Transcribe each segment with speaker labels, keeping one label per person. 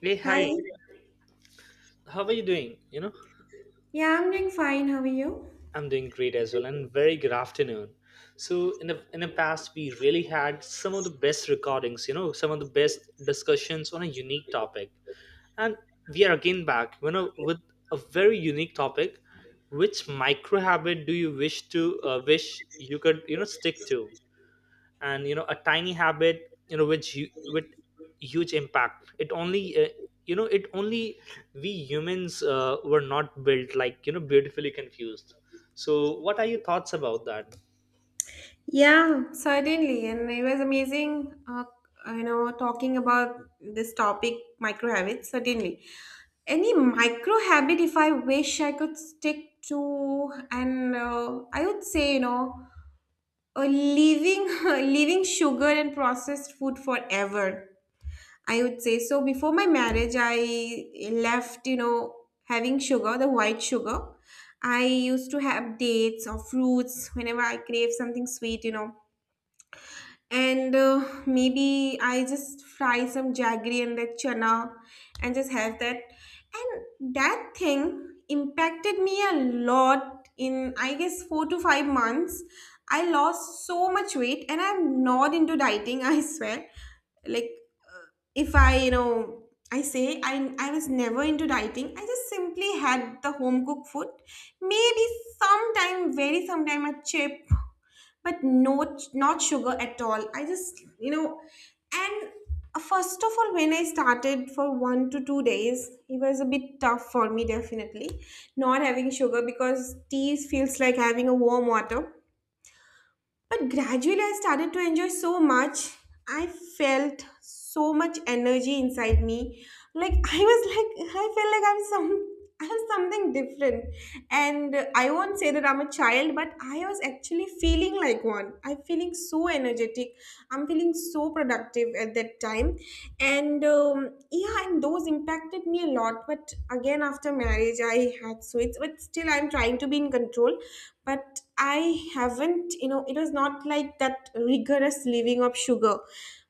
Speaker 1: Hey,
Speaker 2: Hi.
Speaker 1: hi. How are you doing?
Speaker 2: Yeah, I'm doing fine. How are you?
Speaker 1: I'm doing great as well, and very good afternoon. So, in the past, we really had some of the best recordings. You know, some of the best discussions on a unique topic, and we are again back. You know, with a very unique topic. Which micro habit do you wish to wish you could stick to? And a tiny habit which with huge impact it only it only we humans were not built like beautifully confused. So what are your thoughts about that?
Speaker 2: Yeah. Certainly, and it was amazing, talking about this topic, micro habits. Certainly, any micro habit, if I wish I could stick to, and I would say, leaving leaving sugar and processed food forever. I would say. So before my marriage, I left, having sugar, the white sugar. I used to have dates or fruits whenever I crave something sweet, and maybe I just fry some jaggery and that chana and just have that, and that thing impacted me a lot in, I guess, 4 to 5 months. I lost so much weight, and I'm not into dieting. I swear. Like, uh, if I I say I was never into dieting. I just simply had the home cooked food, maybe sometime, very sometime a chip, but no, not sugar at all. I just and first of all, when I started for 1 to 2 days, it was a bit tough for me, definitely, not having sugar because tea feels like having a warm water. But gradually, I started to enjoy so much. I felt so much energy inside me. Like, I was like, I felt like I'm some I'm something different. And I won't say that I'm a child, but I was actually feeling like one. I'm feeling so energetic. I'm feeling so productive at that time. And yeah, and those impacted me a lot. But again, after marriage, I had so it's, but still I'm trying to be in control, but I haven't, it was not like that rigorous living of sugar.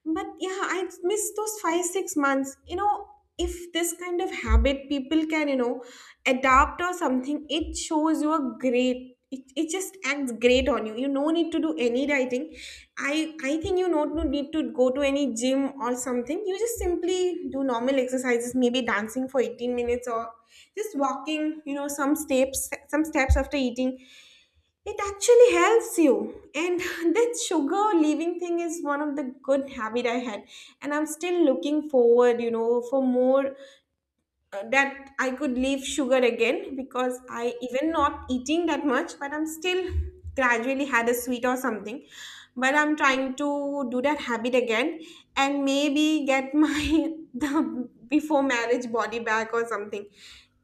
Speaker 2: But yeah, I missed those 5-6 months, if this kind of habit people can, adapt or something, it shows you a great, it just acts great on you. You no need to do any dieting. I think you don't need to go to any gym or something. You just simply do normal exercises, maybe dancing for 18 minutes or just walking, some steps, some steps after eating. It actually helps you. And that sugar leaving thing is one of the good habit I had. And I'm still looking forward, for more, that I could leave sugar again, because I even not eating that much, but I'm still gradually had a sweet or something. But I'm trying to do that habit again and maybe get my the before marriage body back or something.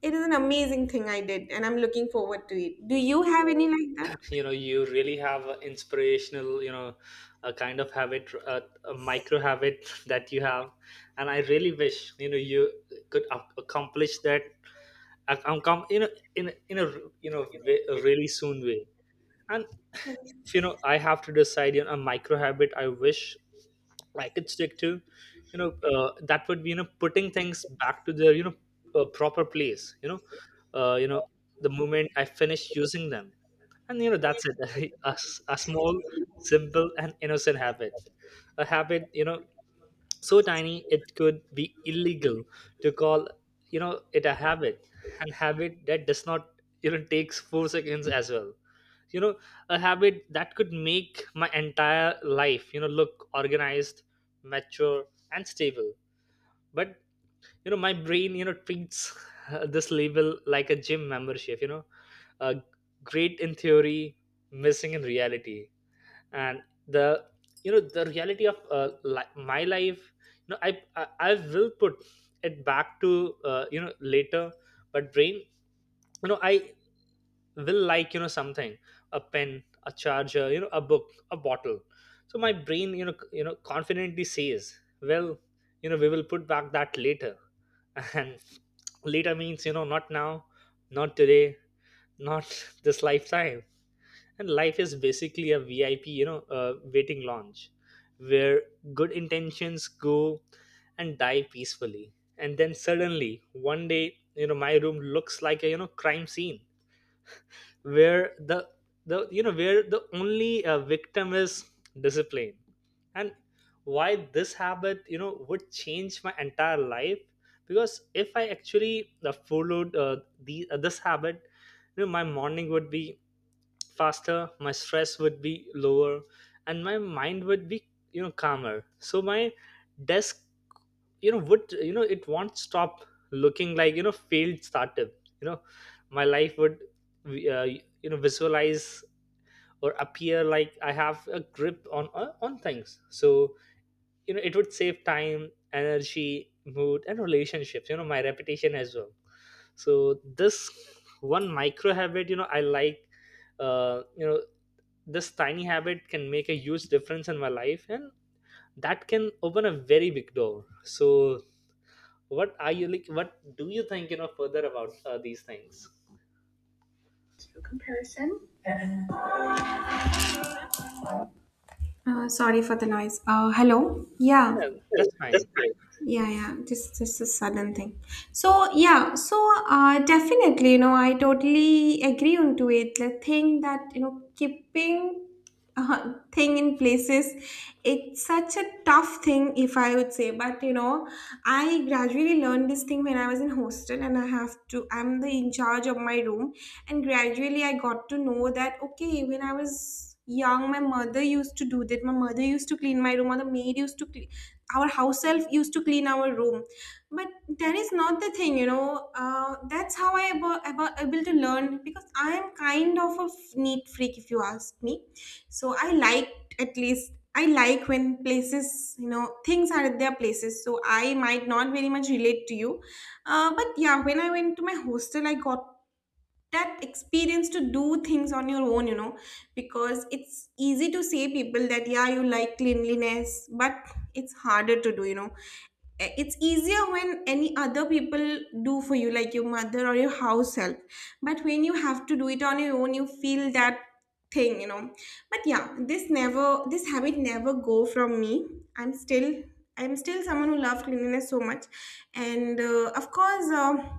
Speaker 2: It is an amazing thing I did and I'm looking forward to it. Do you have any like that?
Speaker 1: You really have a inspirational a kind of habit a micro habit that you have, and I really wish you could accomplish that. ac- um, com- you know in in a a really soon way. And
Speaker 2: Thank you.
Speaker 1: if, I have to decide a micro habit I wish I could stick to, that would be putting things back to their proper place, uh, you know the moment I finish using them. And that's it. A small, simple and innocent habit. A habit so tiny it could be illegal to call it a habit. And habit that does not takes 4 seconds as well, you know a habit that could make my entire life look organized, mature and stable. But my brain treats this label like a gym membership. Uh, great in theory, missing in reality. And the you know the reality of my life, you know I, I will put it back to later. But brain, I will like something, a pen, a charger, a book, a bottle. So my brain confidently says, well, we will put back that later. And later means, not now, not today, not this lifetime. And life is basically a VIP waiting lounge where good intentions go and die peacefully. And then suddenly one day my room looks like a crime scene, where the you know where the only victim is discipline. And why this habit would change my entire life? Because if I actually followed the this habit, my morning would be faster, my stress would be lower, and my mind would be calmer. So my desk would it won't stop looking like failed startup. you know my life would uh, visualize or appear like I have a grip on on things. So it would save time, energy, mood and relationships, my reputation as well. So this one micro habit, I like, uh, you know this tiny habit can make a huge difference in my life, and that can open a very big door. So what are you like, what do you think further about these things?
Speaker 2: Sorry for the noise. Hello. Yeah.
Speaker 1: Yeah, that's fine.
Speaker 2: Yeah, yeah, just a sudden thing. So yeah, so definitely, I totally agree onto it. The thing that, keeping thing in places, it's such a tough thing, if I would say. But I gradually learned this thing when I was in hostel, and I have to, I'm the in charge of my room. And gradually I got to know that, okay, when I was young, my mother used to do that. My mother used to clean my room, or the maid used to clean our house self used to clean our room. But that is not the thing, that's how I able to learn, because I am kind of a neat freak, if you ask me. So I like, at least I like, when places, things are at their places, so I might not very much relate to you. But yeah, when I went to my hostel, I got that experience to do things on your own, because it's easy to say people that yeah you like cleanliness, but it's harder to do, Eh, it's easier when any other people do for you, like your mother or your house help. But when you have to do it on your own, you feel that thing, but yeah, this habit never go from me. i'm still I'm still someone who loves cleanliness so much. And of course,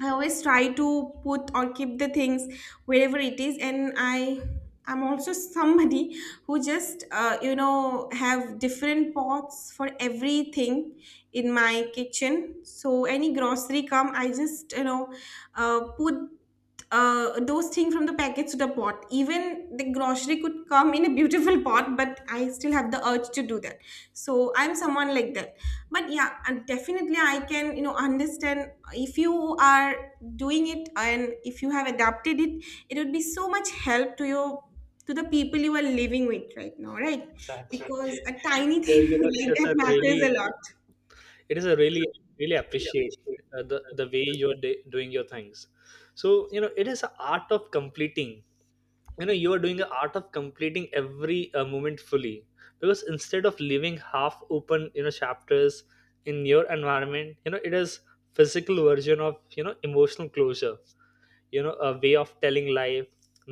Speaker 2: I always try to put or keep the things wherever it is, and I am also somebody who just, have different pots for everything in my kitchen. So any grocery come, I just, put, those things from the packets to the pot. Even the grocery could come in a beautiful pot, but I still have the urge to do that. So I'm someone like that. But yeah, and definitely I can, understand if you are doing it, and if you have adapted it, it would be so much help to your, to the people you are living with right now, right?
Speaker 1: Exactly.
Speaker 2: Because exactly. A tiny
Speaker 1: So
Speaker 2: thing
Speaker 1: it
Speaker 2: like
Speaker 1: is
Speaker 2: that
Speaker 1: a really,
Speaker 2: matters a lot.
Speaker 1: it is a really, really appreciate the way you're doing your things. So it is an art of completing. You are doing an art of completing every moment fully. Because instead of leaving half open, chapters in your environment, it is physical version of emotional closure. A way of telling life,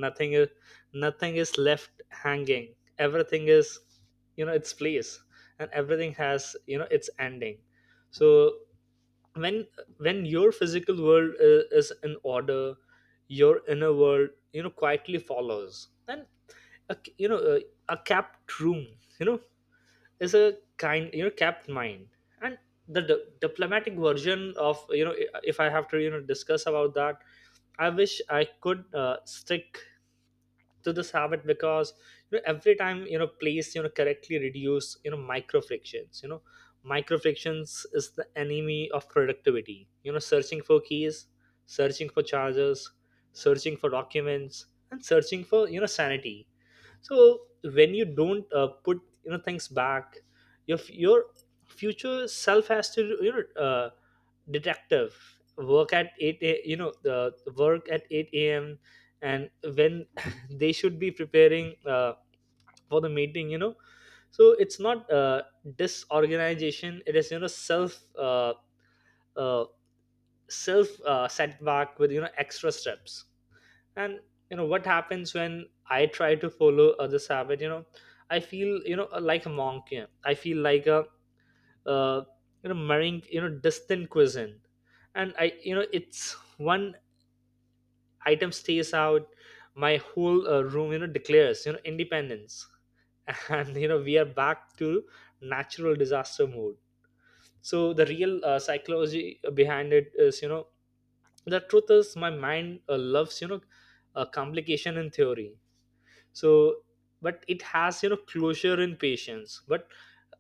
Speaker 1: nothing is, nothing is left hanging, everything is its place, and everything has its ending. So when when your physical world is in order, your inner world quietly follows. And a, you know a, a capped room, you know is a kind kept mind. And the diplomatic version of, if I have to discuss about that, I wish I could stick to this habit. Because every time please correctly reduce micro frictions. Micro frictions is the enemy of productivity. You know, searching for keys, searching for chargers, searching for documents, and searching for sanity. So when you don't put things back, your your future self has to detective work at 8 a, you know the work at 8 a.m. And when they should be preparing for the meeting. So it's not disorganization, it is self uh, self setback with extra steps. And what happens when I try to follow others habit? I feel like a monk. Yeah. I feel like a, uh, marrying distant cuisine. And I, it's one item stays out, my whole room declares independence. And we are back to natural disaster mode. So the real psychology behind it is, the truth is my mind loves complication in theory. So but it has closure in patience. But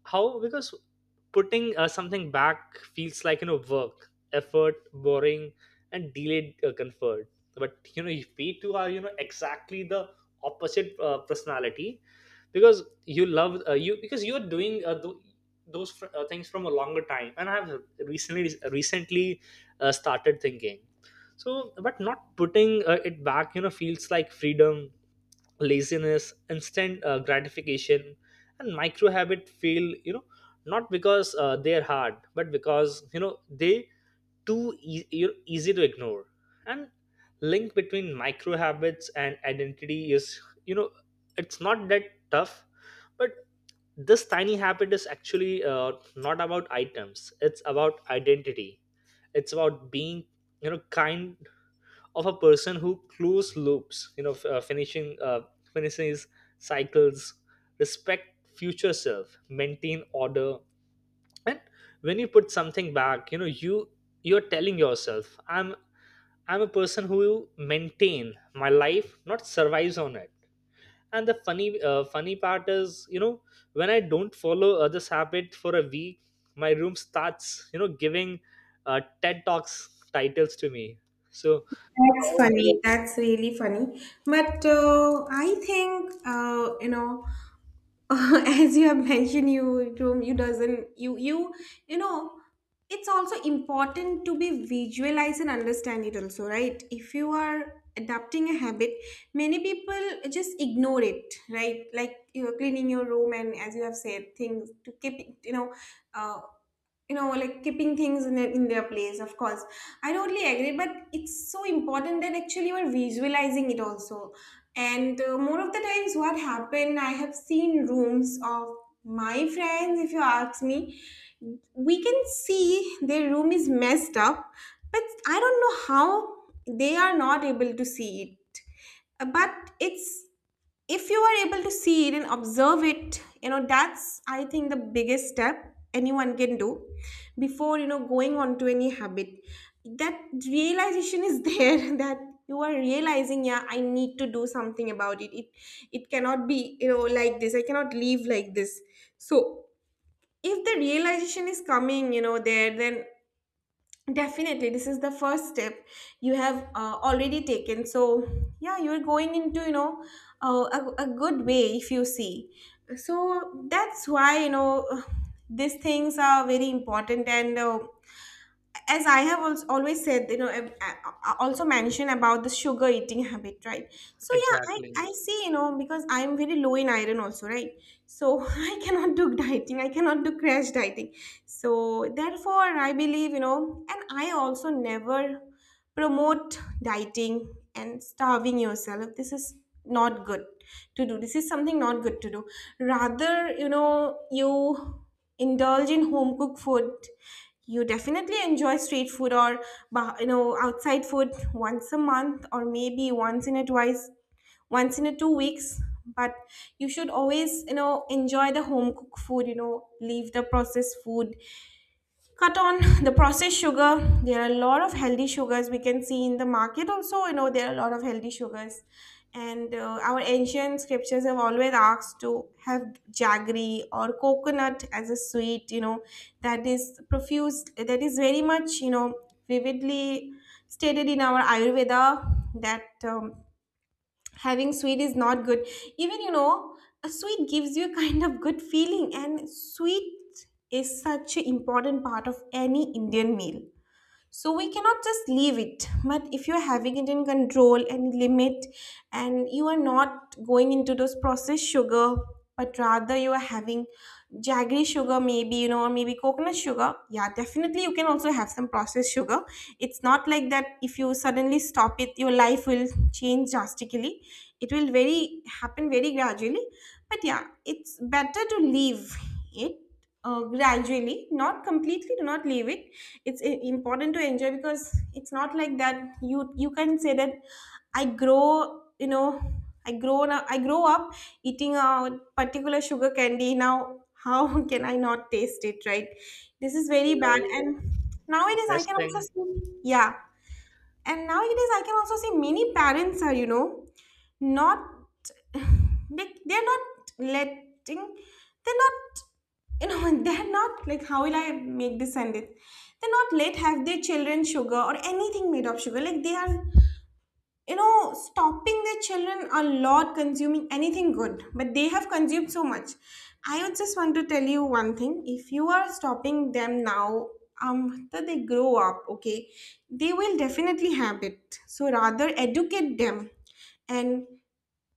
Speaker 1: how? Because putting something back feels like work, effort, boring, and delayed comfort. But if we two are, exactly the opposite personality. Because you love you, because you're doing those things from a longer time, and I have recently started thinking. So but not putting it back feels like freedom, laziness, instant gratification. And micro habit feel, not because they're hard, but because they too easy to ignore. And link between micro habits and identity is, you know it's not that tough. But this tiny habit is actually not about items, it's about identity. It's about being kind of a person who close loops, you know f- finishing finishes cycles, respect future self, maintain order. And when you put something back, you, you're telling yourself, I'm a person who maintain my life, not survives on it. And the funny part is, when I don't follow this habit for a week, my room starts giving TED talks titles to me. So
Speaker 2: That's
Speaker 1: oh,
Speaker 2: funny. That's really funny. But I think, as you have mentioned, you Tom, you doesn't you you know, it's also important to be visualize and understand it also, right? If you are adapting a habit, many people just ignore it, right? Like you're cleaning your room, and as you have said, things to keep it, Uh, like keeping things in, in their place, of course I totally agree. But it's so important that actually we're visualizing it also. And more of the times what happened, I have seen rooms of my friends, if you ask me, we can see their room is messed up, but I don't know how they are not able to see it. But it's, if you are able to see it and observe it, that's I think the biggest step anyone can do before, going on to any habit, that realization is there that you are realizing, yeah, I need to do something about it. It cannot be, like this. I cannot live like this. So if the realization is coming, there, then definitely, this is the first step you have, already taken. So, yeah, you're going into, a good way, if you see. So that's why, these things are very important and. As I have also always said, I also mentioned about the sugar eating habit, right? So yeah, I,
Speaker 1: exactly.
Speaker 2: I see, because I'm very low in iron also, right? So I cannot do dieting. I cannot do crash dieting. So therefore, I believe, and I also never promote dieting and starving yourself. This is not good to do. This is something not good to do. Rather, you indulge in home cooked food. You definitely enjoy street food or outside food, once a month or maybe once in a twice, once in a 2 weeks. But you should always, enjoy the home cooked food. Leave the processed food. Cut on the processed sugar. There are a lot of healthy sugars we can see in the market also, there are a lot of healthy sugars. And our ancient scriptures have always asked to have jaggery or coconut as a sweet, that is profuse, that is very much, vividly stated in our ayurveda, that having sweet is not good. Even, a sweet gives you a kind of good feeling, and sweet is such an important part of any Indian meal. So we cannot just leave it. But if you're having it in control and limit, and you are not going into those processed sugar, but rather you are having jaggery sugar, maybe, or maybe coconut sugar, yeah, definitely you can also have some processed sugar. It's not like that, if you suddenly stop it your life will change drastically. It will very happen very gradually. But yeah, it's better to leave it, gradually, not completely, do not leave it. It's important to enjoy, because it's not like that you can say that I grow you know I grow, up I grow up eating a particular sugar candy. Now how can I not taste it, right? This is very
Speaker 1: uh,
Speaker 2: bad. And
Speaker 1: the
Speaker 2: nowadays I
Speaker 1: best
Speaker 2: can also
Speaker 1: thing.
Speaker 2: see, yeah. And nowadays I can also see many parents are, not they're not letting, they're not, they're not, like, how will I make this sentence. They're not let have their children sugar or anything made of sugar, like they are, stopping their children a lot, consuming anything good, but they have consumed so much. I would just want to tell you one thing: if you are stopping them now, after They grow up, okay, they will definitely have it, so rather educate them and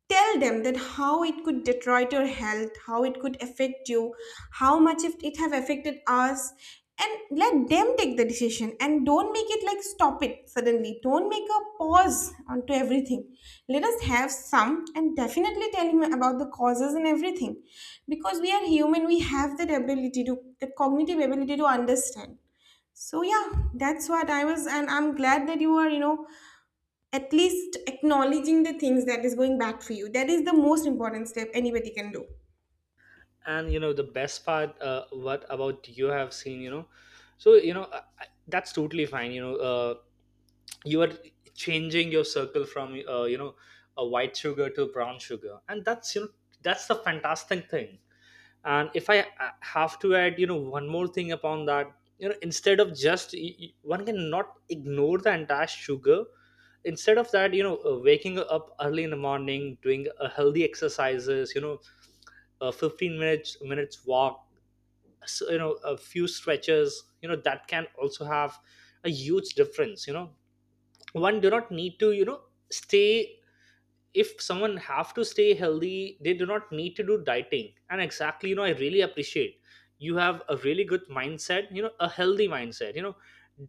Speaker 2: tell them that how it could deteriorate your health, how it could affect you, how much if it have affected us. And let them take the decision and don't make it like stop it suddenly, don't make a pause onto everything. Let us have some and definitely tell him about the causes and everything, because we are human, we have that ability to that cognitive ability to understand. So yeah, that's what I was, and I'm glad that you are, at least acknowledging the things that is going back for you. That is the most important step anybody can do.
Speaker 1: And the best part what about you have seen, so you know that's totally fine. You are changing your circle from, a white sugar to brown sugar, and that's that's the fantastic thing. And if I have to add one more thing upon that, instead of just one cannot ignore the entire sugar. Instead of that, waking up early in the morning, doing a healthy exercises, a 15 minutes walk, so, you know, a few stretches, that can also have a huge difference. One do not need to stay. If someone have to stay healthy, they do not need to do dieting. And exactly, I really appreciate, you have a really good mindset, a healthy mindset.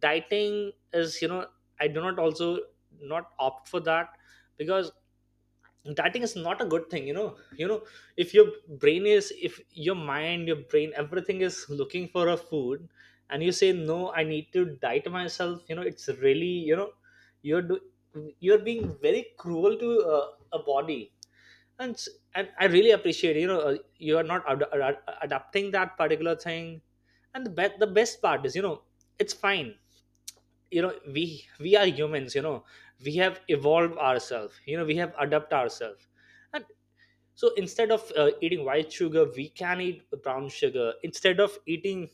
Speaker 1: Dieting is, I do not also not opt for that. Because dieting is not a good thing. If your brain is, if your mind, your brain, everything is looking for a food, and you say no, I need to diet myself, it's really, you're you're being very cruel to a body. And and I really appreciate, you are not adapting that particular thing. And the best, the best part is, it's fine. We are humans, we have evolved ourselves, we have adapted ourselves. And so instead of eating white sugar, we can eat brown sugar. Instead of eating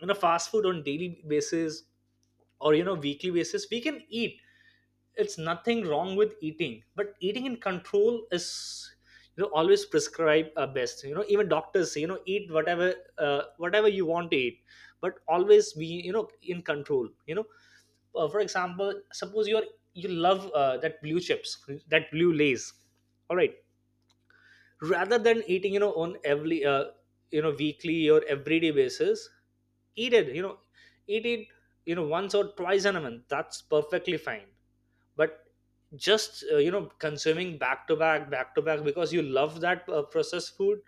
Speaker 1: fast food on daily basis or weekly basis, we can eat. It's nothing wrong with eating, but eating in control is always prescribe best. You know, even doctors say, eat whatever whatever you want to eat, but always be in control. For example, suppose you're, you love that blue chips, that blue lays, all right, rather than eating on every weekly or everyday basis, eat it, eat it, you know, once or twice in a month, that's perfectly fine. But just consuming back to back because you love that processed food.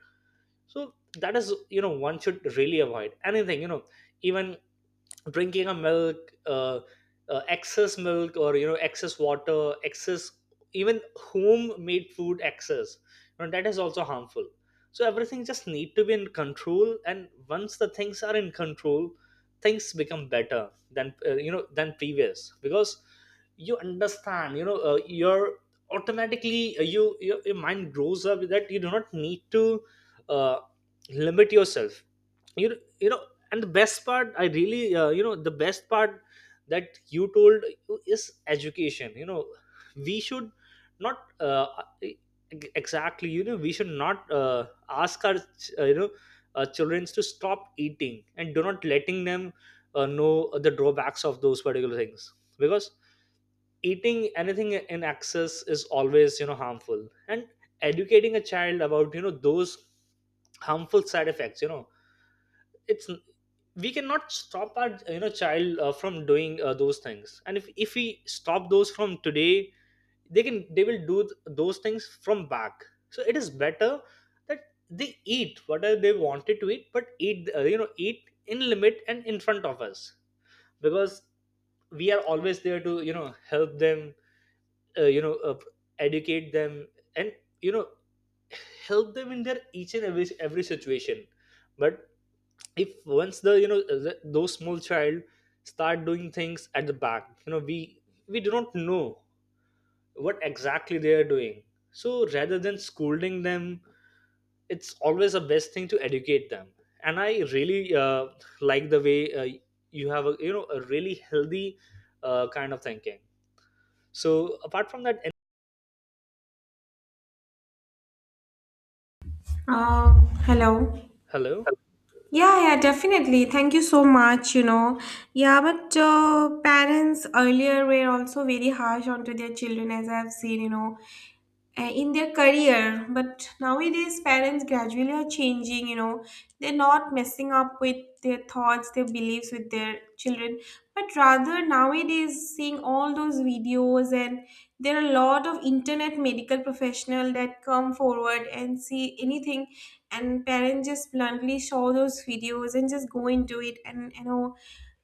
Speaker 1: So that is, one should really avoid anything. Even drinking a milk, excess milk or excess water, excess, even homemade food, excess. That is also harmful. So everything just need to be in control, and once the things are in control, things become better than than previous, because you understand, you're automatically, your mind grows up that you do not need to uh, limit yourself you you know and the best part, I really, the best part that you told is education. We should not e- exactly, we should not ask our children to stop eating and do not letting them know the drawbacks of those particular things, because eating anything in excess is always harmful. And educating a child about those harmful side effects. It's, we cannot stop our child from doing those things, and if we stop those from today, they will do those things from back, so it is better that they eat whatever they wanted to eat, but eat you know eat in limit and in front of us, because we are always there to help them, uh, you know uh, educate them, and you know help them in their each and every situation. But if once the those small child start doing things at the back, we do not know what exactly they are doing. So rather than scolding them, it's always the best thing to educate them. And I really, like the way, you have a you know a really healthy kind of thinking. So apart from that.
Speaker 2: Uh, Hello.
Speaker 1: Hello.
Speaker 2: Yeah, yeah, definitely. Thank you so much, Yeah, but parents earlier were also very harsh onto their children, as I've seen, In their career, but nowadays parents gradually are changing, you know, they're not messing up with their thoughts, their beliefs with their children, but rather nowadays seeing all those videos, and there are a lot of internet medical professional that come forward and see anything, and parents just bluntly show those videos and just go into it and you know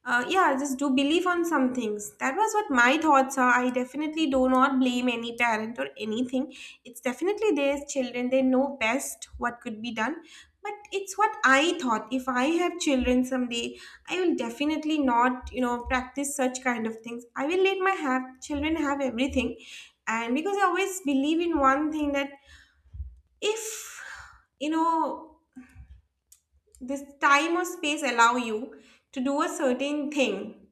Speaker 2: uh, yeah, just do believe on some things. That was what my thoughts are. I definitely do not blame any parent or anything. It's definitely their children. They know best what could be done. But it's what I thought. If I have children someday, I will definitely not, practice such kind of things. I will let my have children have everything. And because I always believe in one thing that if, you know, this time or space allow you to do a certain thing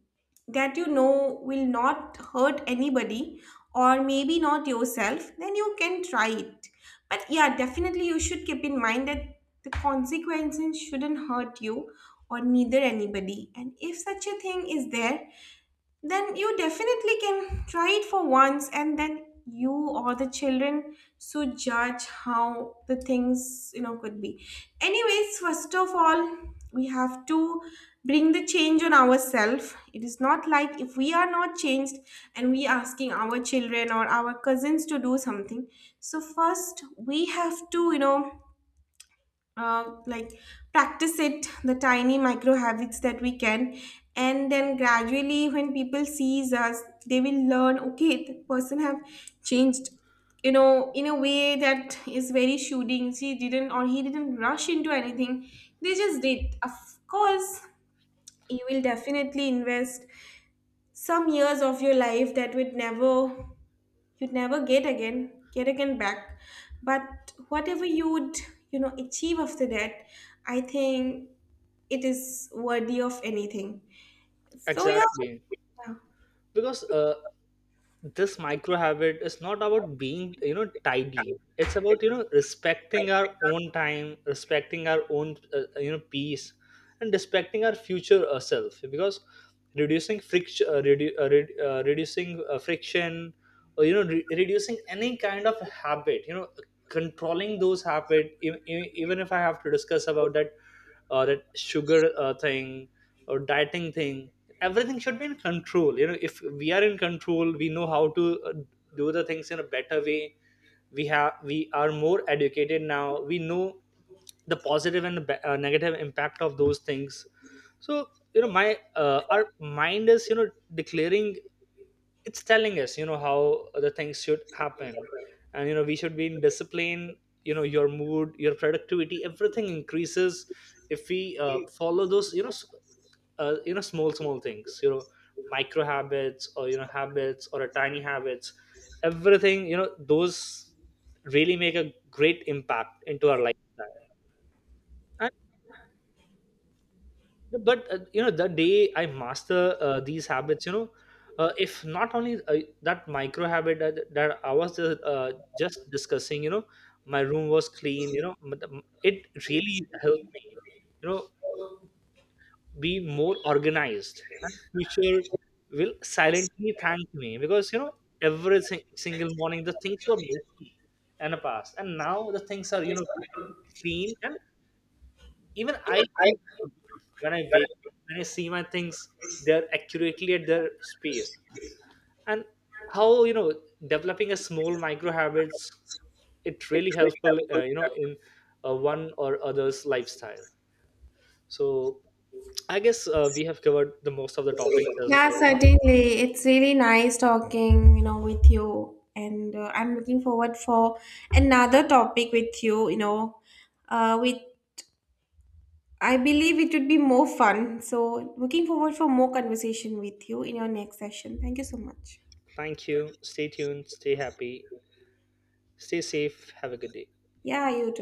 Speaker 2: that, you know, will not hurt anybody or maybe not yourself, then you can try it. But yeah, definitely you should keep in mind that the consequences shouldn't hurt you or neither anybody, and if such a thing is there, then you definitely can try it for once and then you or the children should judge how the things, you know, could be. Anyways, first of all, we have to bring the change on ourselves. It is not like if we are not changed and we asking our children or our cousins to do something. So first we have to like practice it, the tiny micro habits that we can, and then gradually when people sees us, they will learn, okay, the person have changed, you know, in a way that is very shooting. She didn't or he didn't rush into anything, they just did. Of course, you will definitely invest some years of your life that would never, you'd never get again, get again back, but whatever you'd, you know, achieve after that, I think it is worthy of anything. So yeah.
Speaker 1: Exactly, because this micro habit is not about being tidy, it's about respecting our own time, respecting our own peace, and respecting our future self, because reducing friction, reducing friction, or reducing any kind of habit, controlling those habit, even if I have to discuss about that, or that sugar thing, or dieting thing, everything should be in control. If we are in control, we know how to do the things in a better way. We are more educated now, we know the positive and the negative impact of those things. So my our mind is, declaring, it's telling us how the things should happen. And we should be in discipline. Your mood, your productivity, everything increases if we follow those small things, micro habits or habits or a tiny habits, everything, those really make a great impact into our lifestyle. But the day I master these habits, if not only that micro habit that I was just discussing, my room was clean, it really helped me you know be more organized, and the future will silently thank me, because every single morning the things were messy in the past, and now the things are clean and. Even I feel good when I wake when I see my things, they're accurately at their space. And how developing a small micro habits, it really helpful. In one or other's lifestyle. So I guess we have covered the most of the topics as of
Speaker 2: Yeah,
Speaker 1: now.
Speaker 2: certainly, it's really nice talking, you know, with you, and I'm looking forward for another topic with you, you know, with, I believe it would be more fun, so looking forward for more conversation with you in your next session. Thank you so much.
Speaker 1: Thank you. Stay tuned. Stay happy. Stay safe. Have a good day.
Speaker 2: Yeah, you too.